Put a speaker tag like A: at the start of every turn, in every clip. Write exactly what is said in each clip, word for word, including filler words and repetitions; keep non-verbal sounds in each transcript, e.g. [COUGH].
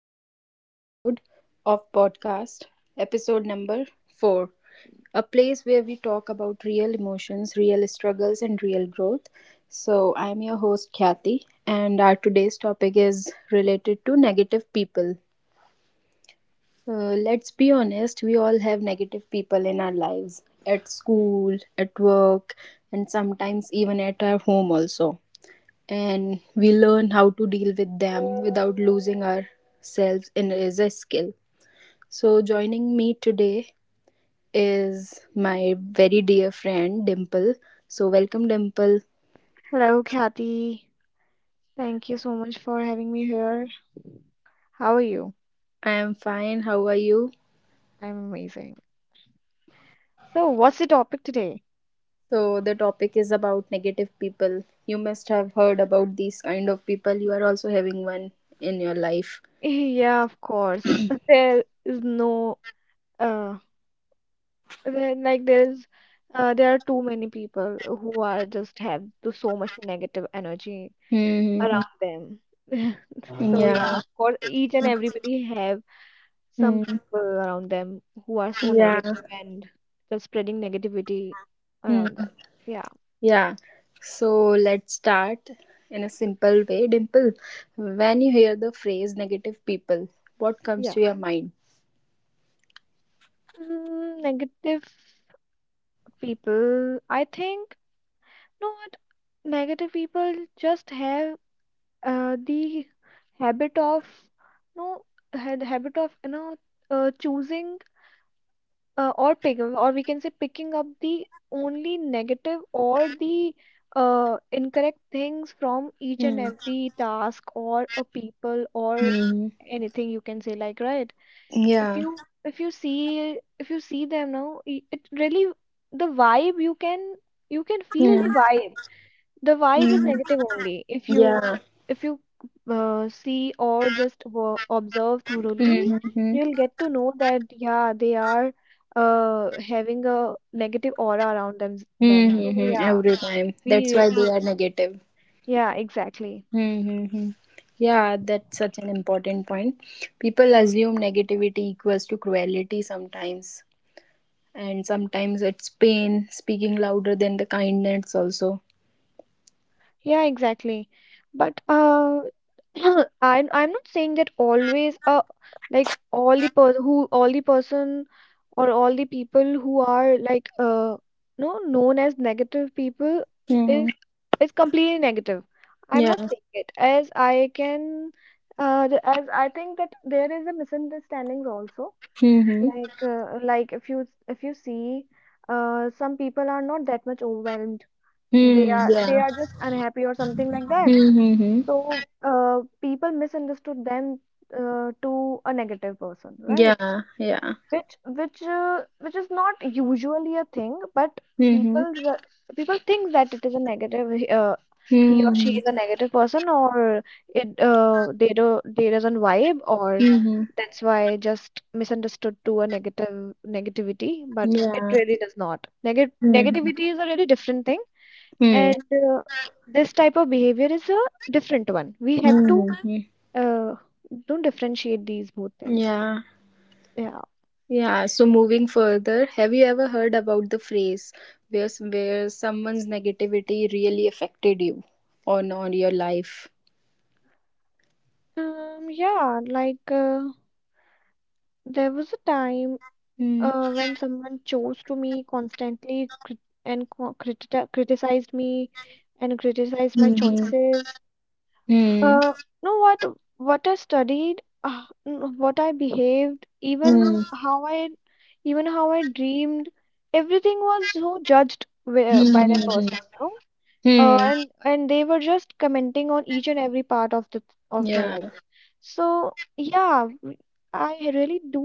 A: back to our episode of podcast, episode number four. A place where we talk about real emotions, real struggles and real growth. So, I am your host Khyati and our today's topic is related to negative people. Uh, let's be honest, we all have negative people in our lives at school, at work, and sometimes even at our home also and we learn how to deal with them without losing ourselves in is a skill. So joining me today is my very dear friend Dimple. So welcome Dimple.
B: Hello, Kathy. Thank you so much for having me here. How are you?
A: I am fine. How are you?
B: I'm amazing. So, what's the topic today?
A: So the topic is about negative people. You must have heard about these kind of people. You are also having one in your life.
B: [LAUGHS] Yeah, of course. [LAUGHS] There is no uh there, like there is uh there are too many people who are just have too- so much negative energy
A: Mm-hmm.
B: around them. [LAUGHS] So yeah,
A: Yeah.
B: of course, each and everybody have some
A: Mm.
B: people around them who are so
A: Yeah.
B: negative and just spreading negativity
A: Hmm.
B: around them. Yeah.
A: Yeah, so let's start in a simple way. Dimple, when you hear the phrase negative people, what comes
B: Yeah.
A: to your mind?
B: Mm, negative people, I think, you know what? Negative people just have uh, the habit of no had habit of you know uh, choosing uh, or pick or we can say picking up the only negative or the uh, incorrect things from each and
A: Hmm.
B: every task or a people or
A: Hmm.
B: anything you can say, like, right. if
A: Yeah.
B: you if you see if you see them now, i- it really, the vibe you can you can feel the
A: Hmm.
B: vibe. The vibe is
A: Hmm.
B: negative only if you,
A: Yeah.
B: if you uh, see or just wo- observe thoroughly.
A: Mm-hmm. Hmm.
B: You'll get to know that, yeah, they are uh having a negative aura around them them, so
A: Mm-hmm.
B: yeah,
A: Every time.
B: we
A: That's why they
B: really
A: are negative.
B: yeah, exactly.
A: Mm-hmm. Yeah, that's such an important point. People assume negativity equals to cruelty sometimes, and sometimes it's pain, speaking louder than the kindness, also.
B: Yeah, exactly, but uh [COUGHS] [CLEARS THROAT] I'm I'm not saying that always, uh like, all the person who all the person, or all the people who are, like, uh no known as negative people
A: Mm-hmm.
B: is is completely negative. I'm not
A: Yeah.
B: saying it. As I can uh the- as I think that there is a misunderstandings also,
A: Mhm.
B: like, uh, like if you if you see, uh some people are not that much overwhelmed, they
A: Mm,
B: are, they
A: yeah.
B: are just unhappy or something like that.
A: Mhm.
B: So uh, people misunderstood them uh, to a negative person, right?
A: Yeah, yeah.
B: Which which uh, which is not usually a thing, but
A: Mhm.
B: people re- people think that it is a negative. He- Uh, he or she is
A: Mhm.
B: a negative person, or it, uh, they do they doesn't vibe, or
A: Mhm.
B: that's why just misunderstood to a negative negativity. But it
A: Yeah.
B: really does not. Neg
A: Mhm.
B: negativity is a really different thing,
A: Mm,
B: and uh, this type of behavior is a different one. We have to,
A: Mhm.
B: uh don't differentiate these both things.
A: Yeah.
B: Yeah.
A: Yeah. So moving further, have you ever heard about the phrase where s- where someone's negativity really affected you on on your life?
B: Um yeah, like, uh, there was a time
A: Mm.
B: uh, when someone chose to me constantly crit and co critica criticized me and criticized my
A: Mhm.
B: choices,
A: Mm.
B: uh know what what I studied, uh, n- what I behaved, even
A: Mm.
B: how I, even how I dreamed. Everything was so judged wi- by that
A: Mhm.
B: person, you, uh,
A: Mm.
B: and and they were just commenting on each and every part of the, of my
A: Yeah.
B: life. So yeah, w- I really do,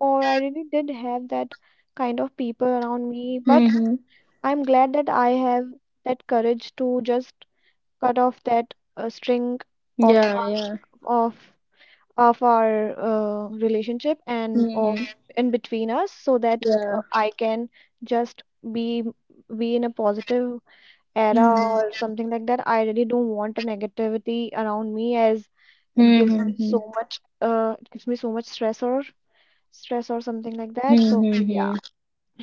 B: or I really did have that kind of people around me, but
A: Mhm.
B: I'm glad that I have that courage to just cut off that uh, string of
A: Yeah,
B: our s-
A: yeah.
B: of of our uh, relationship, and of
A: Mhm.
B: in between us, so that
A: Yeah.
B: uh, I can just be be in a positive era
A: Hmm.
B: or something like that. I really don't want a negativity around me, as it gives me
A: Mm-hmm.
B: so much, uh it gives me so much stress, or stress or something like that, so yeah.
A: Mm-hmm.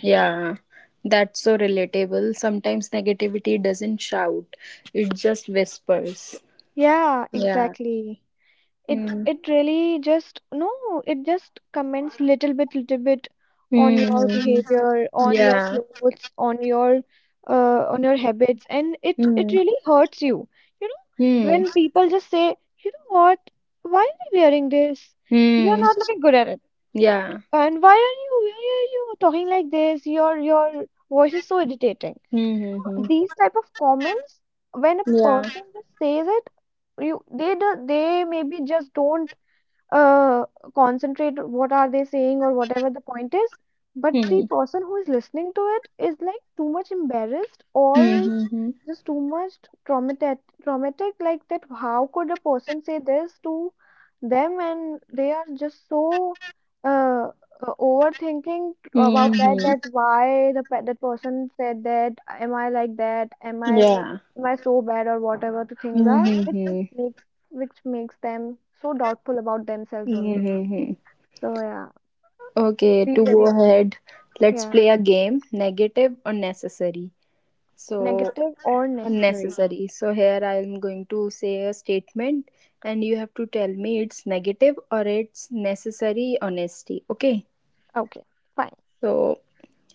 A: Yeah, that's so relatable. Sometimes negativity doesn't shout, it just whispers.
B: Yeah,
A: Yeah.
B: exactly. it
A: Mm-hmm.
B: it really just, no it just comments little bit, little bit on your behavior, on your
A: Yeah.
B: clothes, on your, uh on your habits, and it it
A: Mm-hmm.
B: really hurts you, you know, when people just say, you know what, why are you wearing this, you're
A: Mm-hmm.
B: not looking good at it.
A: Yeah.
B: And why are you, why are you talking like this? Your your voice is so irritating.
A: Mm-hmm.
B: These type of comments, when a
A: Yeah.
B: person just says it, you they do, they maybe just don't uh concentrate on what are they saying or whatever the point is. But the
A: Mm-hmm.
B: person who is listening to it is like too much embarrassed or just too much traumatic, traumatic like that, how could a person say this to them, and they are just so, uh, uh, overthinking about that,
A: Mm-hmm.
B: that why the pe- that person said that, am I like that, am I,
A: Yeah.
B: am I so bad, or whatever the things are, which
A: Mm-hmm.
B: makes, which makes them so doubtful about themselves only,
A: Mm-hmm.
B: so yeah.
A: Okay,
B: we
A: to go
B: really should-
A: ahead, let's
B: yeah.
A: play a game, negative or necessary. So
B: Negative or necessary.
A: unnecessary. So here I am going to say a statement and you have to tell me it's negative or it's necessary honesty. Okay.
B: Okay, fine.
A: So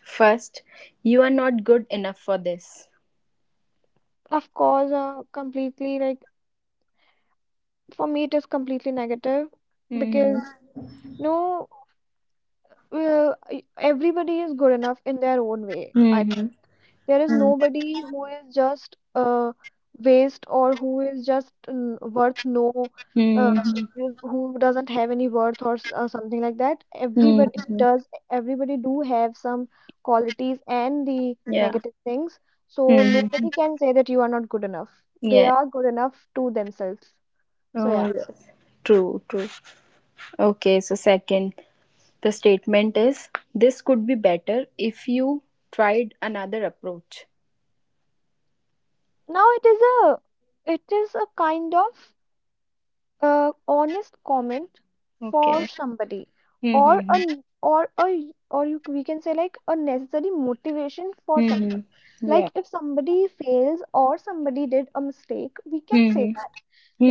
A: first, you are not good enough for this.
B: Of course, uh, completely, like, for me it is completely negative,
A: Mm-hmm.
B: because, no uh, e- everybody is good enough in their own way, I
A: Mm-hmm.
B: think. There is nobody who is just uh, waste, or who is just n- worth, no uh,
A: Mm-hmm.
B: who who doesn't have any worth, or, s- or something like that. Everybody
A: Mm-hmm.
B: does, everybody do have some qualities and the
A: Yeah.
B: negative things, so
A: Mm-hmm.
B: nobody can say that you are not good enough. They
A: Yeah.
B: are good enough to themselves, so yeah.
A: Oh yes. True, true. Okay, so second, the statement is this could be better if you tried another approach.
B: Now it is a, it is a kind of uh, honest comment for
A: Okay.
B: somebody, or
A: Hmm.
B: a n- or a, or, you, we can say, like, a necessary motivation for someone.
A: Mhm. Yeah.
B: Like if somebody fails or somebody did a mistake, we can say
A: Mhm.
B: that,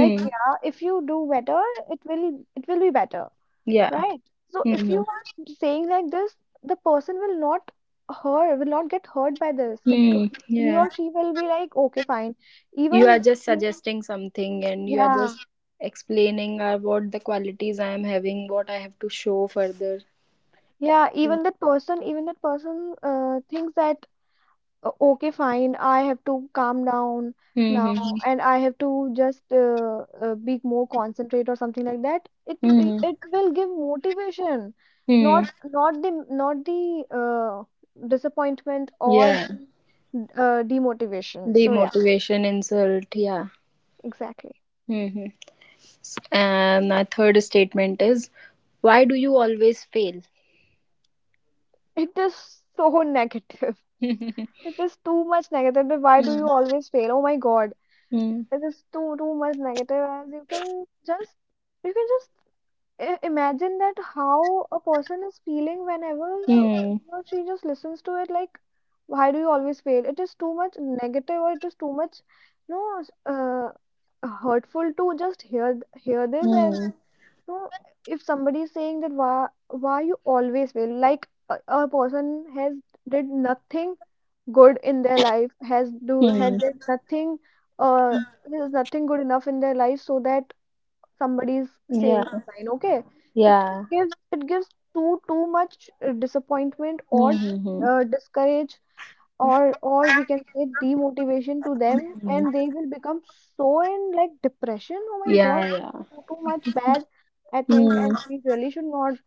B: like, yeah, if you do better, it will, it will be better.
A: Yeah.
B: Right. So if you
A: Mhm.
B: are saying like this, the person will not hurt, will not get hurt by this. It,
A: Hmm.
B: he
A: Yeah.
B: or she will be like, okay, fine.
A: You are
B: Even,
A: just
B: even,
A: suggesting something, and you are
B: yeah,
A: just explaining uh, what the qualities I am having, what I have to show further.
B: yeah.
A: Yeah.
B: Even that person, even that person, uh, thinks that, O- okay, fine, I have to calm down now,
A: Mm-hmm.
B: and I have to just, uh, uh, be more concentrate or something like that. It wi-
A: Mm-hmm.
B: it will give motivation,
A: Hmm.
B: not not the, not the uh, disappointment or
A: Yeah.
B: the uh, demotivation. So yeah,
A: Demotivation, insult. Yeah.
B: exactly.
A: Mm-hmm. And my third statement is, why do you always fail? [LAUGHS]
B: It is so [LAUGHS] negative. It is too much negative. But why do
A: Hmm.
B: you always fail? Oh my God,
A: Hmm.
B: it is too, too much negative. As you can just, you can just, I- imagine that how a person is feeling whenever he
A: Hmm.
B: or she just listens to it, like, why do you always fail, it is too much negative, or it is too much, no s- uh, hurtful to just hear th- hear this. As,
A: Hmm.
B: no if somebody is saying that, why why you always fail, like a, a person has did nothing good in their life, has do had
A: Hmm.
B: did nothing, uh there's nothing good enough in their life, so that somebody's saying,
A: Yeah.
B: fine, okay. it, it
A: Yeah.
B: gives, it gives too, too much uh, disappointment, or
A: Mm-hmm.
B: uh, discourage, or or we can say, demotivation to them, and
A: Mm.
B: they will become so in, like, depression. Oh my God,
A: Yeah, yeah.
B: too, too much bad, I think. And
A: Hmm.
B: we really should not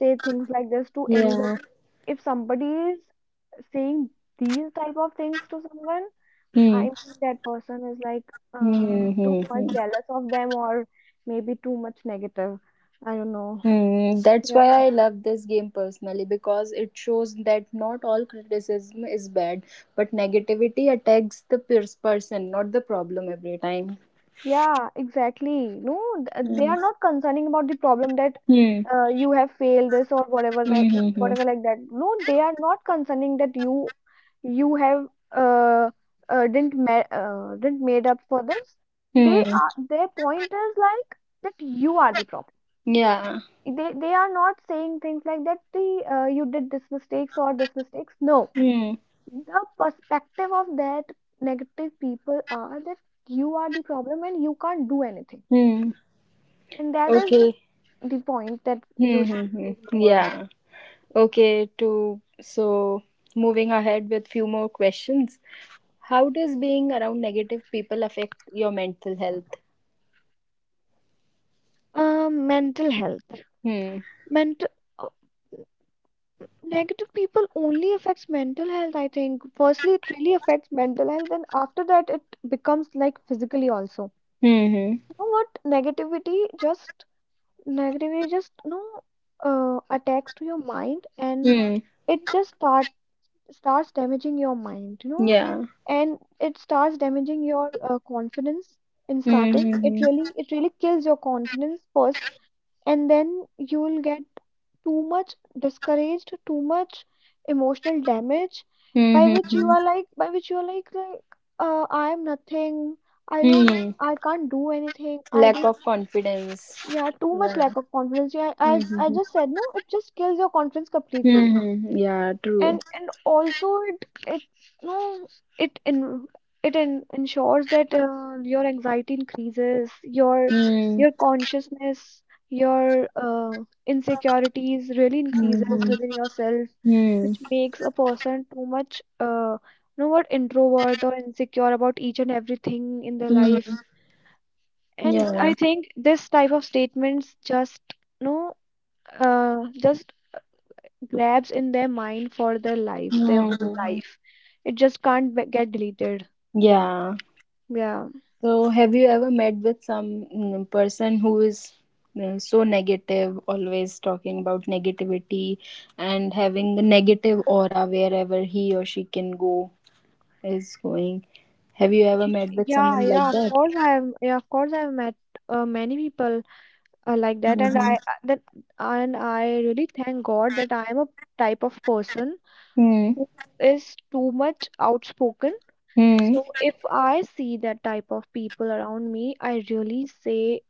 B: say things like this to
A: Yeah.
B: anybody. If somebody is saying these type of things to someone, I
A: Hmm.
B: mean, that person is like, uh,
A: Hmm.
B: too
A: Hmm.
B: much
A: Hmm.
B: jealous of them, or maybe too much negative. I don't know.
A: Mm, that's why
B: Yeah.
A: I love this game personally because it shows that not all criticism is bad, but negativity attacks the pers- person, not the problem every time.
B: Yeah, exactly. No, th- they
A: Hmm.
B: are not concerning about the problem, that
A: Hmm.
B: uh, you have failed this or whatever, like,
A: Hmm. Hmm.
B: whatever like that. No, they are not concerning that you you have, uh, uh didn't ma uh, didn't made up for this. They
A: Mm.
B: are, their point is like that you are the problem.
A: Yeah.
B: they they are not saying things like that, the, uh, you did this mistakes or this mistakes, no,
A: Hmm.
B: the perspective of that negative people are that you are the problem and you can't do anything,
A: Hmm.
B: and that is
A: Okay.
B: the point that
A: Hmm.
B: you should
A: Hmm. Hmm.
B: ignore.
A: Yeah. Okay. To so moving ahead with few more questions. How does being around negative people affect your mental health?
B: Um mental health,
A: Hmm.
B: mental, uh, negative people only affects mental health, I think. Firstly it really affects mental health, and after that it becomes like physically also. You
A: Hmm.
B: know what, negativity just, negative you just no uh, attacks to your mind, and
A: Hmm.
B: it just start starts damaging your mind, you know,
A: Yeah.
B: and it starts damaging your uh, confidence. In
A: Hmm.
B: starting, it
A: Hmm.
B: really, it really kills your confidence first, and then you will get too much discouraged, too much emotional damage, by
A: Hmm.
B: which you
A: Hmm.
B: are like, by which you are like like uh, I am nothing, I don't,
A: Hmm.
B: I can't do anything, I
A: Lack
B: don't.
A: of confidence.
B: Yeah, too much
A: Yeah.
B: lack of confidence. Yeah, I I
A: Hmm.
B: just said, no, it just kills your confidence completely.
A: Hmm. Yeah. True.
B: And and also it it no it in, it in, ensures that uh, your anxiety increases, your
A: Hmm.
B: your consciousness, your uh, insecurities really increases
A: Hmm.
B: within yourself,
A: Hmm.
B: which makes a person too much, uh you know what, introvert or insecure about each and everything in their
A: Hmm.
B: life. And
A: Yeah.
B: I think this type of statements just, no uh, just grabs in their mind for their life, their whole
A: Hmm.
B: life. It just can't be- get deleted.
A: Yeah.
B: Yeah.
A: So, have you ever met with some mm, person who is uh, so negative, always talking about negativity and having a negative aura wherever he or she can go is going? Have you ever
B: Y-
A: met with
B: Yeah,
A: someone like
B: yeah, of
A: that?
B: course I have, yeah, of course I have met uh, many people uh, like that, and
A: Mm-hmm.
B: I, uh, that and I really thank God that I am a type of person
A: Hmm.
B: who is too much outspoken.
A: Hmm.
B: So if I see that type of people around me, I really say,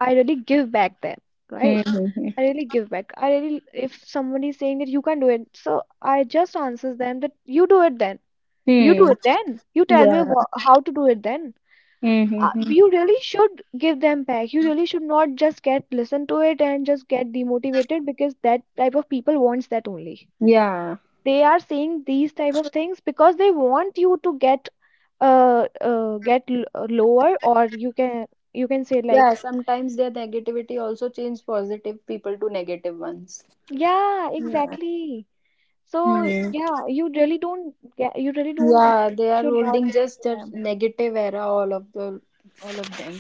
B: I really give back them, right?
A: Hmm.
B: I really give back. I really, if somebody is saying that you can't do it, so I just answers them that you do it then. You
A: Hmm.
B: do
A: Hmm.
B: it then. You tell me
A: Yeah.
B: wha how to do it then. Uh,
A: Mm-hmm.
B: you really should give them back. You really should not just get listen to it and just get demotivated because that type of people wants that only.
A: Yeah.
B: They are saying these type of things because they want you to get uh, uh get l- uh, lower, or you can you can say
A: Yeah.
B: like
A: Sometimes their negativity also change positive people to negative ones.
B: yeah, exactly. So
A: Hmm.
B: yeah, you really don't get, you really don't
A: Yeah, they are
B: should not
A: holding
B: listen
A: just
B: to
A: that
B: them.
A: negative era, all of the, all of them.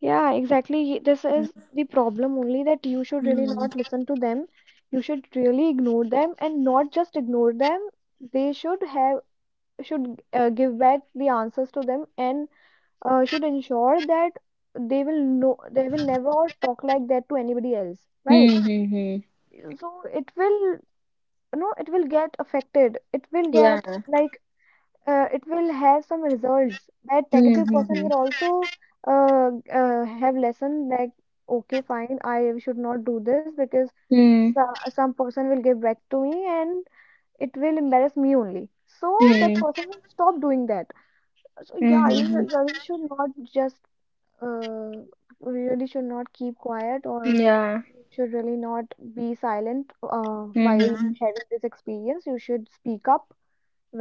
B: Yeah, exactly. This is the problem only, that you should really
A: Hmm.
B: not listen to them. You should really ignore them and not just ignore them. They should have should uh, give back the answers to them, and uh, should ensure that they will know they will never talk like that to anybody else, right?
A: Hmm. Hmm. Hmm.
B: So it will, you know, it will get affected. It will
A: Yeah.
B: get like uh, it will have some results that
A: Hmm.
B: negative
A: Hmm.
B: person
A: Hmm.
B: will also uh, uh, have lesson like okay fine I should not do this because
A: Hmm.
B: some, some person will give back to me and it will embarrass me only, so
A: Hmm.
B: that person will stop doing that. So
A: Hmm.
B: yeah, you
A: Hmm,
B: will-
A: hmm.
B: really should not just uh, really should not keep quiet, or
A: Yeah.
B: you should really not be silent uh,
A: Hmm.
B: while
A: Hmm, hmm.
B: having this experience. You should speak up.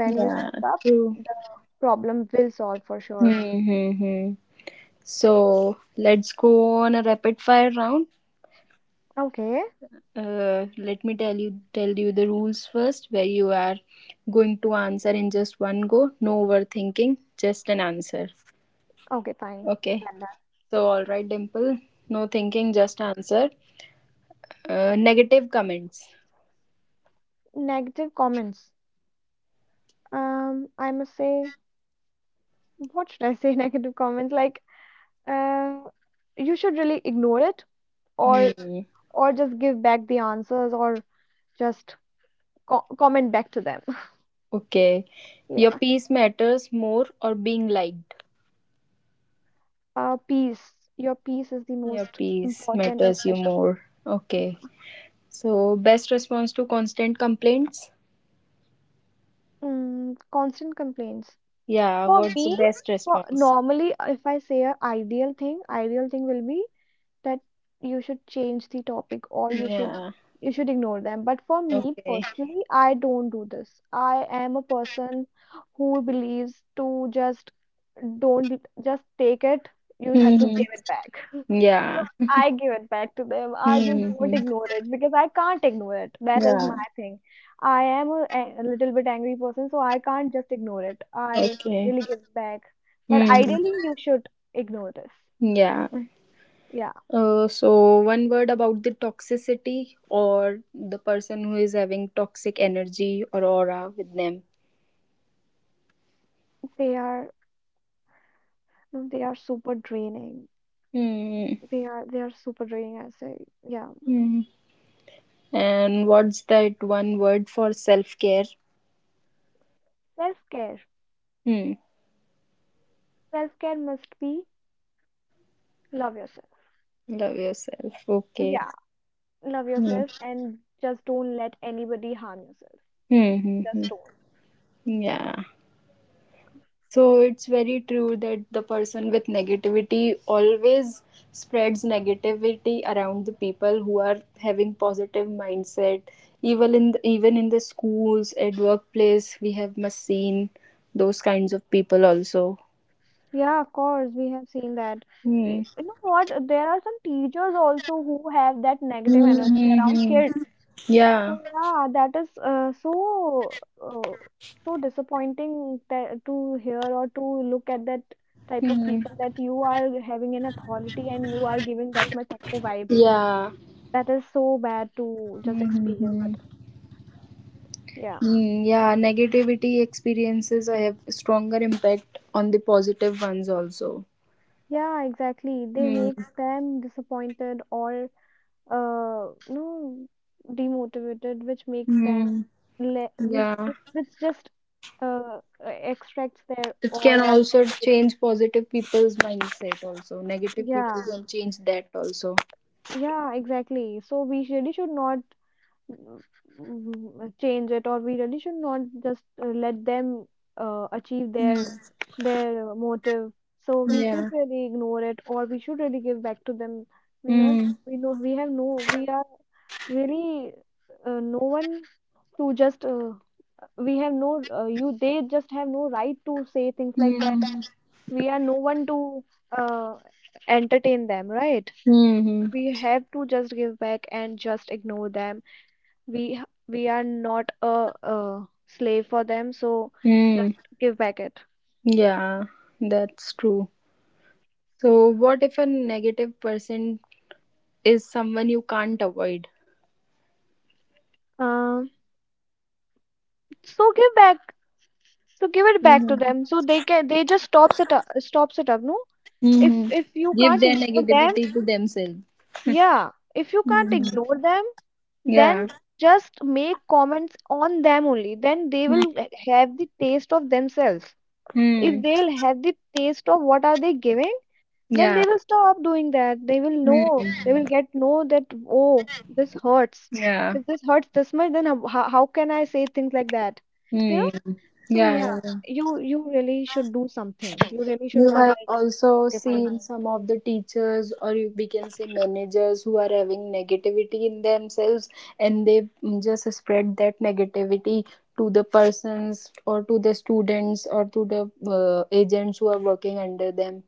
B: When you
A: Yeah.
B: speak up,
A: True.
B: the problem will solve for sure.
A: Hmm. Hmm, hmm. So let's go on a rapid fire round.
B: Okay,
A: Uh, let me tell you tell you the rules first, where you are going to answer in just one go. No overthinking, just an answer.
B: okay, fine.
A: Okay.
B: Done that.
A: So, all right, Dimple. No thinking, just answer. Uh, negative comments.
B: Negative comments. Um, I must say, what should I say? [LAUGHS] Negative comments like, uh, you should really ignore it, or
A: Hmm.
B: or just give back the answers, or just co- comment back to them. [LAUGHS]
A: Okay. Your
B: Yeah.
A: piece matters more or being liked?
B: Uh, peace. Your peace is the
A: Your
B: most
A: piece
B: important and
A: matters you
B: precious
A: more.
B: thing.
A: Okay. So, best response to constant complaints?
B: Mm, constant complaints.
A: Yeah.
B: For
A: What's the
B: me,
A: best
B: for
A: response?
B: normally, if I say a ideal thing, ideal thing will be that you should change the topic, or you should
A: Yeah.
B: you should ignore them. But for me
A: Okay.
B: personally, I don't do this. I am a person who believes to just don't just take it. You have to
A: Hmm.
B: give it back. [LAUGHS] So
A: Yeah.
B: I give it back to them. I just
A: Hmm.
B: don't ignore it because I can't ignore it. That is
A: Yeah.
B: my thing. I am a, a a little bit angry person, so I can't just ignore it. I
A: Okay.
B: really give back. But
A: Hmm.
B: ideally, you should ignore this.
A: Yeah.
B: Yeah,
A: Uh, so one word about the toxicity or the person who is having toxic energy or aura with them.
B: they are no, they are super draining.
A: Hmm.
B: They are they are super draining, I say. Yeah.
A: Hmm. And what's that one word for self care?
B: Self care.
A: Hmm.
B: Self care must be love yourself.
A: Love yourself. Okay.
B: Yeah, love
A: Hmm.
B: yourself and just don't let anybody harm yourself.
A: Hmm. Hmm. Hmm.
B: Just don't.
A: Yeah. So it's very true that the person with negativity always spreads negativity around the people who are having positive mindset. Even in the, even in the schools, at workplace, we have must seen those kinds of people also.
B: Yeah, of course, we have seen that. Y-
A: Hmm.
B: You know what? There are some teachers also who have that negative energy around
A: Mm-hmm.
B: kids.
A: Yeah.
B: So yeah, that is uh, so uh, so disappointing that to hear or to look at that type of
A: Hmm.
B: people, that you are having an authority and you are giving that much negative vibe.
A: Yeah.
B: That is so bad to just experience
A: Mm-hmm.
B: it. Yeah.
A: Mm, yeah, negativity experiences have stronger impact on the positive ones also.
B: Yeah, exactly. They
A: Hmm.
B: makes them disappointed or uh no demotivated, which makes them
A: Hmm.
B: le which,
A: Yeah,
B: which which just uh extracts their
A: it
B: all
A: can also
B: positivity.
A: change positive people's mindset, also. Negative people
B: Yeah.
A: can change that, also.
B: Yeah, exactly. So we really should not mm, mm, mm, change it, or we really should not just uh, let them uh, achieve their
A: Mm.
B: their uh, motive. So we should
A: Yeah.
B: really ignore it, or we should really give back to them. We not
A: Mm.
B: we know we have no we are really uh, no one to just uh, we have no uh, you they just have no right to say things like that,
A: Mm.
B: and we are no one to uh, entertain them, right?
A: Mm.
B: We have to just give back and just ignore them. We we are not a, a slave for them, so just
A: Mm.
B: give back it.
A: Yeah, that's true. So, what if a negative person is someone you can't avoid?
B: um so give back, so give it back to
A: Mm-hmm.
B: them, so they can they just stops it up stops it up. No, if
A: Mm-hmm.
B: if you
A: Give
B: can't
A: their
B: ignore them,
A: negativity to themselves.
B: yeah, if you can't
A: Mm-hmm.
B: ignore them, then
A: Yeah.
B: just make comments on them only, then they will have the taste of themselves. If
A: Mm.
B: they'll have the taste of what are they giving, then
A: Yeah.
B: they will stop doing that. They will know they
A: Mm.
B: will get know that, oh, this hurts.
A: Yeah.
B: If this hurts this much, then how, how how can I say things like that, you know?
A: Mm.
B: So yeah,
A: Yeah.
B: you you really should do something. You really should
A: You
B: not
A: have
B: like
A: also
B: okay fine,
A: seen some of the teachers, or you, we can say managers, who are having negativity in themselves and they just spread that negativity to the persons, or to the students, or to the uh, agents who are working under them.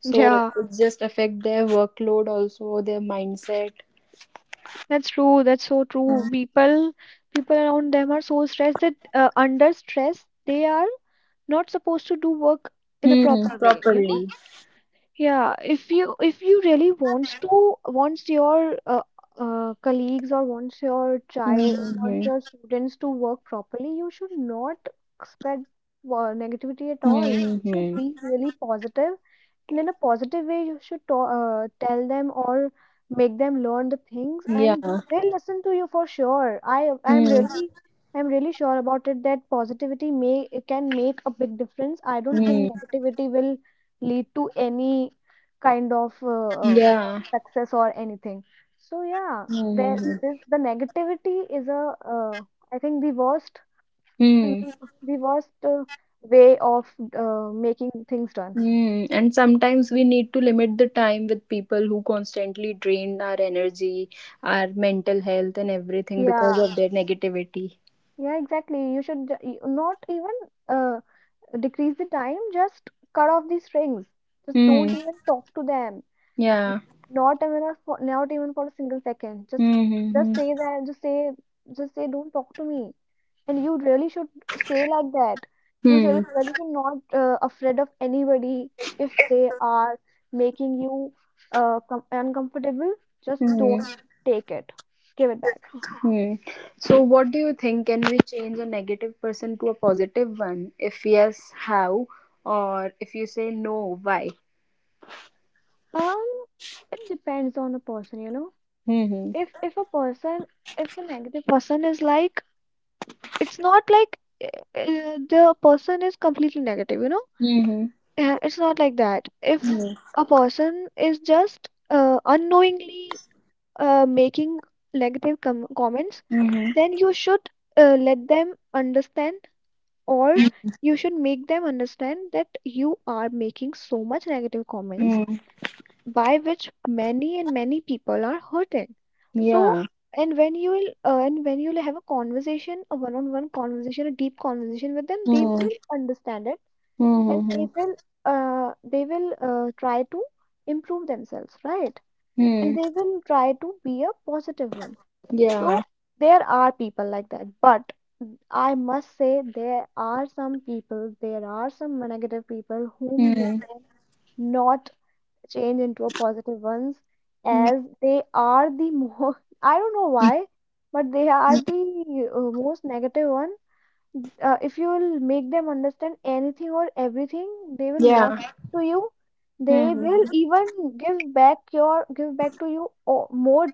A: So it
B: yeah,
A: just affect their workload, also their mindset.
B: that's true, that's so true.
A: Hmm,
B: People people around them are so stressed that uh, under stress they are not supposed to do work in a proper way, you know.
A: properly.
B: Yeah, if you if you really wants to wants your uh, uh, colleagues or wants your child wants
A: Mm-hmm.
B: your students to work properly, you should not spread uh, negativity at all. You should
A: Mm-hmm.
B: be really positive, and in a positive way, you should ta uh, tell them or make them learn the things, and they
A: Yeah.
B: will listen to you for sure. I I'm
A: Hmm.
B: really I'm really sure about it, that positivity may it can make a big difference. I don't
A: Hmm.
B: think negativity will lead to any kind of uh, uh, uh,
A: Yeah.
B: success or anything. So yeah, there
A: Mm-hmm.
B: this, the negativity is a uh, I think the worst the, the worst uh, way of uh, making things done.
A: Mm, and sometimes we need to limit the time with people who constantly drain our energy, our mental health, and everything
B: Yeah.
A: because of their negativity.
B: Yeah, exactly. You should ju- you- not even uh, decrease the time, just cut off the strings. Just don't
A: Hmm.
B: even talk to them.
A: Yeah.
B: Not even a, for, not even for a single second. Just
A: Hmm.
B: just
A: Hmm.
B: say that. Just say just say don't talk to me. And you really should say like that. You should
A: Hmm.
B: really should not uh, afraid of anybody if they are making you uh, com- uncomfortable. Just
A: Hmm.
B: don't
A: Hmm,
B: take it. Give it back.
A: hmm. So, what do you think? Can we change a negative person to a positive one? If yes, how? Or if you say no, why?
B: Um, it depends on a person, you know.
A: Hmm.
B: If if a person, if a negative person is like, it's not like uh, uh, the person is completely negative, you know.
A: Hmm.
B: Uh, it's not like that. If
A: Hmm.
B: a person is just uh, unknowingly uh, making negative com comments,
A: Hmm. Hmm. Hmm,
B: then you should uh, let them understand, or you should make them understand that you are making so much negative comments,
A: hmm. Hmm.
B: by which many and many people are hurting. So
A: Yeah.
B: and when you will uh, and when you will have a conversation, a one-on-one conversation, a deep conversation with them, they
A: Hmm.
B: will understand it.
A: Hmm.
B: And
A: Hmm. Hmm.
B: they will uh, they will uh, try to improve themselves, right? And
A: Hmm.
B: they will try to be a positive one. So
A: Yeah.
B: there are people like that, but I must say there are some people, there are some negative people whom you
A: Hmm.
B: can not change into a positive ones,
A: Mm.
B: as they are the more. [LAUGHS] I don't know why, but they are the uh, most negative one. Uh, if you will make them understand anything or everything, they will not
A: Yeah.
B: listen to you. They will
A: Mm-hmm.
B: even give back your give back to you or more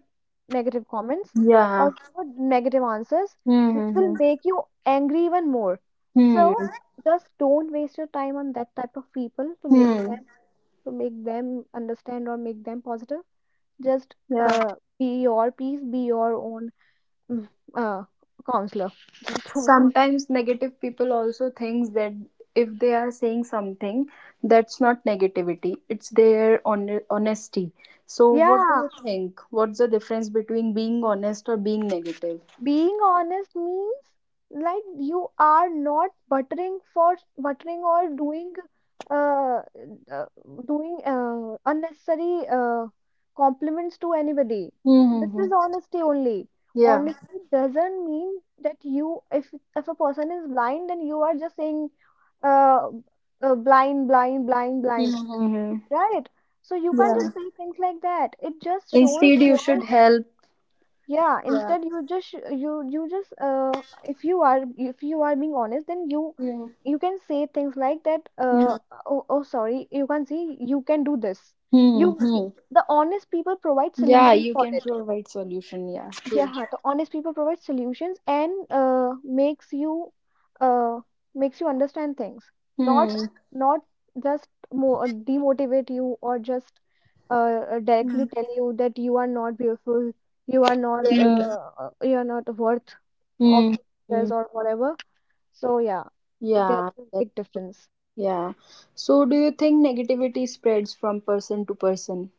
B: negative comments
A: Yeah.
B: or more negative answers, which will
A: Mm-hmm.
B: make you angry even more.
A: Hmm.
B: So just don't waste your time on that type of people to make
A: Hmm.
B: them to make them understand or make them positive. Just
A: Yeah.
B: uh, be your peace, be your own mm, uh, counselor. [LAUGHS] Just don't
A: Sometimes negative people also thinks that if they are saying something, that's not negativity. It's their on- honesty. So what do
B: yeah.
A: you think? What's the difference between being honest or being negative?
B: Being honest means like you are not buttering for buttering or doing uh, uh doing uh, unnecessary uh, compliments to anybody. This
A: Mm-hmm.
B: is honesty only.
A: Yeah.
B: Honesty doesn't mean that you if if a person is blind and you are just saying uh, uh, blind, blind, blind, blind,
A: Mm-hmm.
B: right? So you can't
A: Yeah.
B: just say things like that. It just shows
A: Instead, you
B: your
A: should help.
B: yeah.
A: Yeah.
B: Instead, you just sh- you you just uh, if you are if you are being honest, then you
A: Mm-hmm.
B: you can say things like that, uh, oh, oh sorry, you can see, you can do this, you
A: Hmm.
B: y-
A: Hmm.
B: the honest people provide
A: Yeah,
B: solutions
A: you
B: for
A: can
B: it.
A: provide solution. Yeah,
B: Yeah, the honest people provide solutions and uh, makes you uh, makes you understand things, not
A: true.
B: not just mo uh, demotivate you, or just uh, uh, directly tell you that you are not beautiful, you are not
A: Mm,
B: uh, uh, you are not worth of
A: mm,
B: the success
A: mm.
B: or whatever. So yeah, there
A: Yeah,
B: is a
A: that,
B: big difference.
A: yeah. So, do you think negativity spreads from person to person?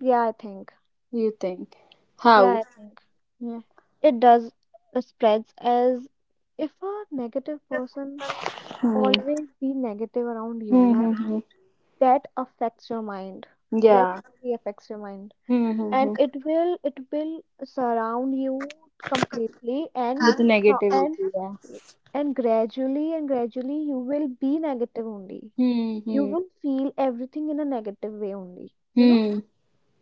B: Yeah, I think,
A: You think?
B: yeah,
A: How?
B: I think
A: Yeah.
B: it does uh, spreads, as if a negative person
A: Hmm.
B: always be negative around you,
A: Hmm. Hmm,
B: right?
A: hmm.
B: That affects your mind. That
A: Yeah.
B: really affects your mind.
A: Hmm. Hmm,
B: And
A: hmm.
B: it will it will surround you completely, and
A: With
B: so-
A: negativity,
B: and
A: yeah.
B: and gradually and gradually you will be negative only.
A: Hmm.
B: You
A: Hmm.
B: will feel everything in a negative way only, you know.
A: Hmm.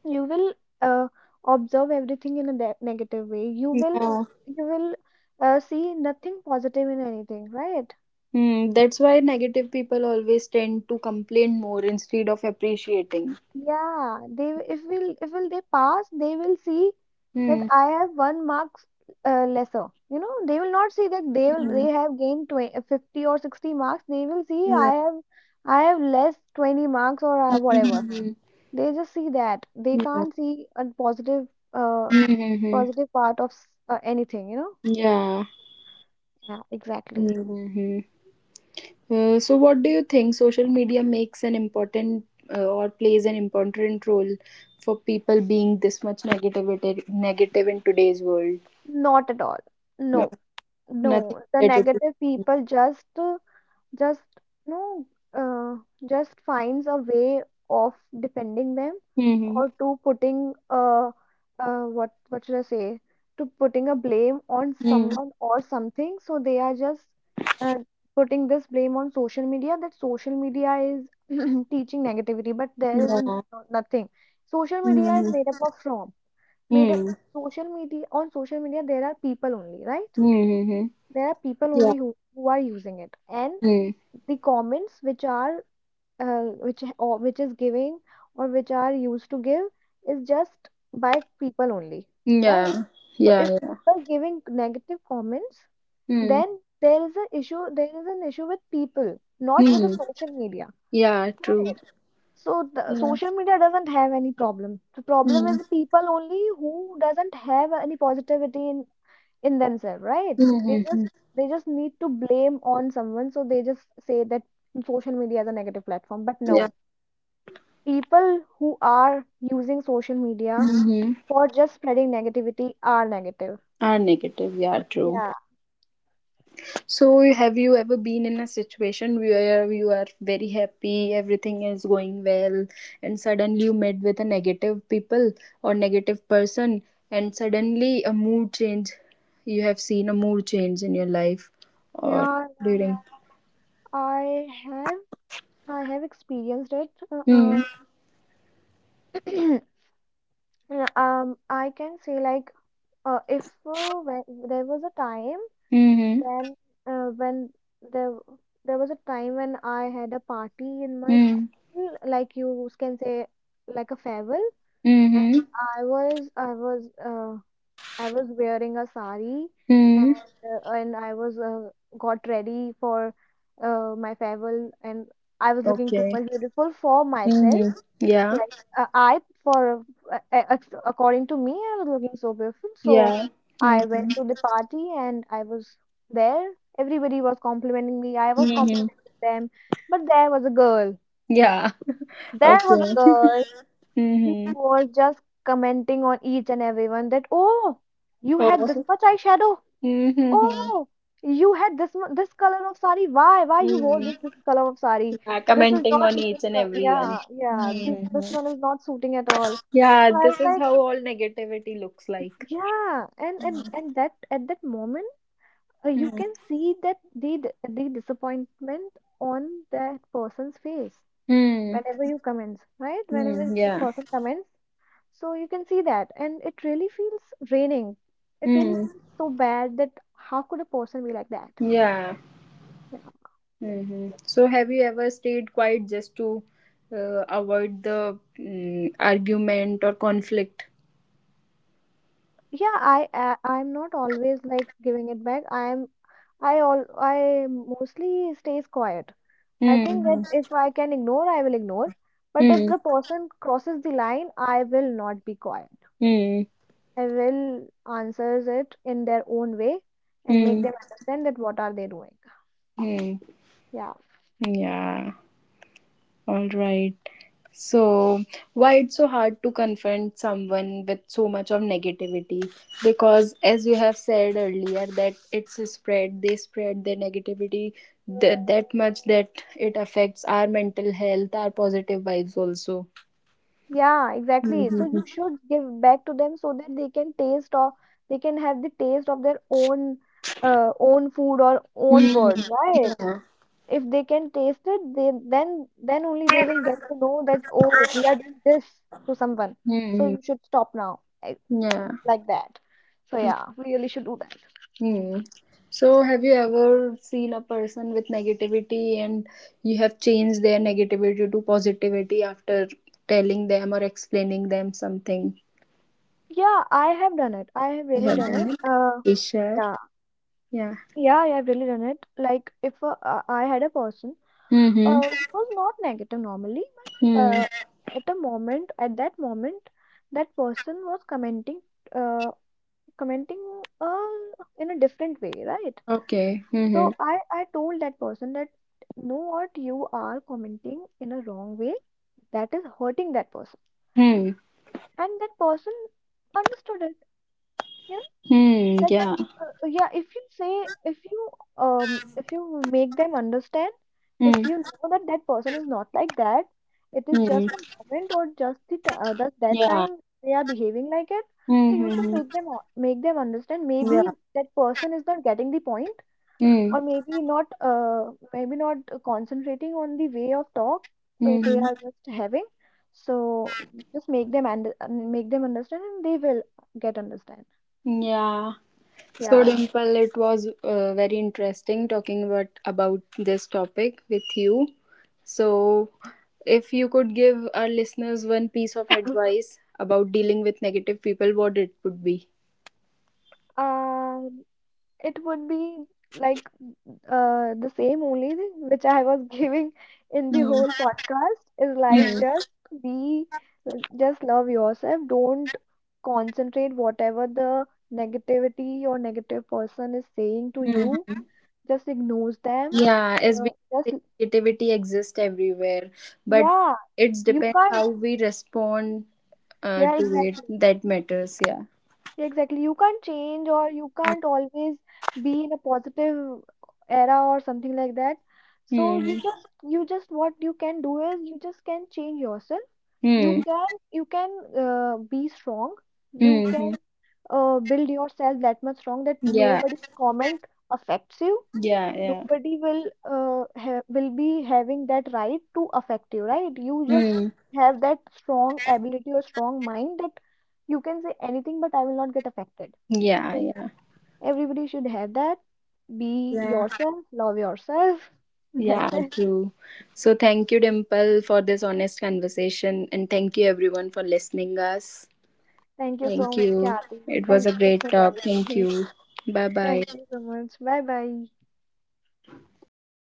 B: You will uh, observe everything in a de- negative way. You will
A: Yeah.
B: you will uh, see nothing positive in anything, right?
A: Hmm. That's why negative people always tend to complain more instead of appreciating.
B: Yeah, they will- if will if will they pass, they will see that
A: Hmm.
B: I have one marks uh, lesser. You know, they will not see that they will they have gained twenty fifty or sixty marks. They will see I have I have less twenty marks, or uh, whatever.
A: Hmm. Hmm.
B: They just see that. They can't see a positive uh,
A: Hmm, hmm, hmm. Hmm.
B: positive part of s- uh, anything, you know?
A: Yeah.
B: Yeah,
A: Hmm.
B: exactly.
A: Hmm, hmm. Uh, so what do you think social media makes an important uh, or plays an important role for people being this much negativity negative in today's world.
B: Not at all.
A: No,
B: No,
A: nothing
B: no. The
A: related to.
B: negative people just uh, just no uh, just finds a way of defending them
A: Mm-hmm.
B: or to putting uh, uh, what what should I say, to putting a blame on
A: Mm.
B: someone or something. So they are just uh, putting this blame on social media that social media is [CLEARS THROAT] teaching negativity, but there is
A: Yeah.
B: no, nothing. Social media is
A: Mm-hmm.
B: made up of from made a,
A: Mm.
B: social media. On social media there are people only right
A: Mm-hmm.
B: there are people
A: Yeah.
B: only who, who are using it, and
A: Mm.
B: the comments which are uh, which h- or which is giving or which are used to give is just by people only, right?
A: Yeah.
B: So
A: Yeah.
B: if
A: Yeah.
B: people are giving negative comments,
A: Mm.
B: then there is an issue there is an issue with people, not with the
A: Mm.
B: social media,
A: Yeah, true.
B: right? So the
A: Yeah.
B: social media doesn't have any problem. The problem
A: Mm.
B: is the people only who doesn't have any positivity in in themselves, right? They just
A: Mm-hmm.
B: they just need to blame on someone, so they just say that social media is a negative platform. But
A: Yeah.
B: no, people who are using social media
A: Mm-hmm.
B: for just spreading negativity are negative.
A: Are negative, yeah, true.
B: Yeah,
A: So, have you ever been in a situation where you are very happy, everything is going well, and suddenly you met with a negative people or negative person, and suddenly a mood change? You have seen a mood change in your life, or
B: yeah, yeah, yeah.
A: during.
B: I have I have experienced it. Uh,
A: Hmm.
B: um, [CLEARS THROAT] yeah, um, I can say like uh, if uh, when, there was a time
A: Hmm.
B: when uh, when there there was a time when I had a party in my
A: Hmm.
B: school, like you can say like a farewell, and
A: Hmm.
B: I was I was uh, I was wearing a sari,
A: Hmm.
B: and uh, and I was uh, got ready for uh, my farewell, and I was looking too
A: Okay.
B: much beautiful for myself.
A: Hmm. Yeah.
B: Like uh, I for uh, uh, ac- according to me, I was looking so beautiful. So
A: Yeah.
B: I went
A: Hmm.
B: to the party and I was there. Everybody was complimenting me. I was
A: Hmm. Hmm,
B: complimenting them. But there was a girl.
A: yeah.
B: There was a
A: Okay.
B: girl
A: [LAUGHS]
B: who
A: Hmm.
B: was just commenting on each and everyone that, oh, you had this
A: Oh.
B: much eyeshadow.
A: Hmm. Hmm, hmm.
B: Oh, you had this mu- this color of sari. Why? Why you wore
A: Hmm.
B: this this color of sari?
A: Yeah,
B: This is
A: commenting
B: not
A: on
B: even.
A: each and
B: co-
A: every
B: Yeah,
A: one.
B: yeah. This
A: Mm.
B: this
A: Hmm.
B: one is not suiting at all.
A: Yeah,
B: So I was
A: this is
B: like,
A: how all negativity looks like.
B: yeah. And and and that at that moment, uh, you
A: Mm.
B: can see that the d- the disappointment on that person's face
A: Mm.
B: whenever you comments, right? Whenever
A: Mm.
B: the
A: Yeah.
B: person comments, so you can see that, and it really feels draining. It really
A: Mm.
B: feels so bad that how could a person be like that?
A: Yeah.
B: Yeah.
A: Hmm. So, have you ever stayed quiet just to uh, avoid the mm, argument or conflict?
B: Yeah, I uh, I'm not always like giving it back. I'm I all I mostly stays quiet. I think
A: Mm-hmm.
B: that if I can ignore, I will ignore. But if
A: Mm.
B: the person crosses the line, I will not be quiet.
A: Mm. Mm.
B: I will answers it in their own way and make
A: Mm.
B: them understand that what are they doing.
A: Hmm.
B: Yeah.
A: Yeah, all right. So, why it's so hard to confront someone with so much of negativity? Because, as you have said earlier, that it's a spread, they spread their negativity th- that much that it affects our mental health, our positive vibes also.
B: Yeah, exactly. So
A: Mm-hmm.
B: you should give back to them so that they can taste, or they can have the taste of their own uh, own food or own
A: Hmm.
B: words, right?
A: Yeah.
B: If they can taste it, they, then then only they will get to know that, oh, we are doing this to someone. So
A: Mhm.
B: you should stop now. Like
A: Yeah.
B: like that. So yeah, we really should do that.
A: Hmm. So, have you ever seen a person with negativity and you have changed their negativity to positivity after telling them or explaining them something?
B: Yeah, I have done it. I have
A: You
B: really
A: have
B: done
A: done
B: it.
A: it?
B: Uh,
A: Please share.
B: yeah,
A: Yeah.
B: yeah, I have really done it. Like if uh, uh, I had a person uh,
A: Mm-hmm.
B: who was not negative normally, but
A: Hmm.
B: uh, at a moment, at that moment, that person was commenting, uh, commenting uh, in a different way, right?
A: Okay. Mm-hmm.
B: So I, I told that person that know what you are commenting in a wrong way that is hurting that person,
A: Hmm.
B: and that person understood it, you know?
A: Hmm.
B: That
A: Yeah.
B: person uh, yeah, if you say, if you um if you make them understand,
A: Hmm.
B: if you know that that person is not like that, it is
A: Hmm.
B: just a moment or just the t- uh, that that
A: Yeah.
B: time they are behaving like it. So you should
A: Mm-hmm.
B: make them o- make them understand. Maybe that person is not getting the point,
A: Hmm.
B: or maybe not uh, maybe not uh, concentrating on the way of talk uh, they
A: Mm-hmm.
B: are just having. So just make them and make them understand, and they will get understand.
A: Yeah. So,
B: Yeah.
A: Dimple, it was uh, very interesting talking about about this topic with you. So, if you could give our listeners one piece of advice about dealing with negative people, what it would be?
B: um it would be like uh, the same only thing which I was [LAUGHS] giving in the
A: Mm.
B: whole podcast, is like
A: Mm.
B: just be, just love yourself, don't concentrate whatever the negativity or negative person is saying to you.
A: Mm.
B: Just ignores them.
A: Yeah, as
B: Uh,
A: we
B: just
A: say, negativity exists everywhere, but
B: yeah,
A: it's
B: you
A: depends
B: can't.
A: how we respond uh,
B: Yeah,
A: to it
B: exactly.
A: that matters. Yeah.
B: Yeah, exactly. You can't change, or you can't always be in a positive era or something like that. So you
A: Hmm.
B: just you just what you can do is you just can change yourself. You
A: Hmm.
B: can you can uh, be strong. You
A: Hmm.
B: can uh, build yourself that much strong that
A: Yeah.
B: nobody comment affects you.
A: Yeah. Yeah.
B: Nobody will uh, ha- will be having that right to affect you, right? You just
A: Hmm.
B: have that strong ability or strong mind that you can say anything, but I will not get affected.
A: Yeah.
B: So
A: Yeah.
B: yeah, everybody should have that. Be yourself, love yourself. [LAUGHS]
A: Yeah.
B: That's it.
A: True. So thank you, Dimple, for this honest conversation, and thank you everyone for listening us.
B: Thank you so
A: Thank
B: much,
A: you.
B: Kyati.
A: It was
B: Thank you
A: a
B: so
A: great
B: much,
A: talk. Thank
B: everybody.
A: you. Bye bye.
B: Thank you so much, bye bye.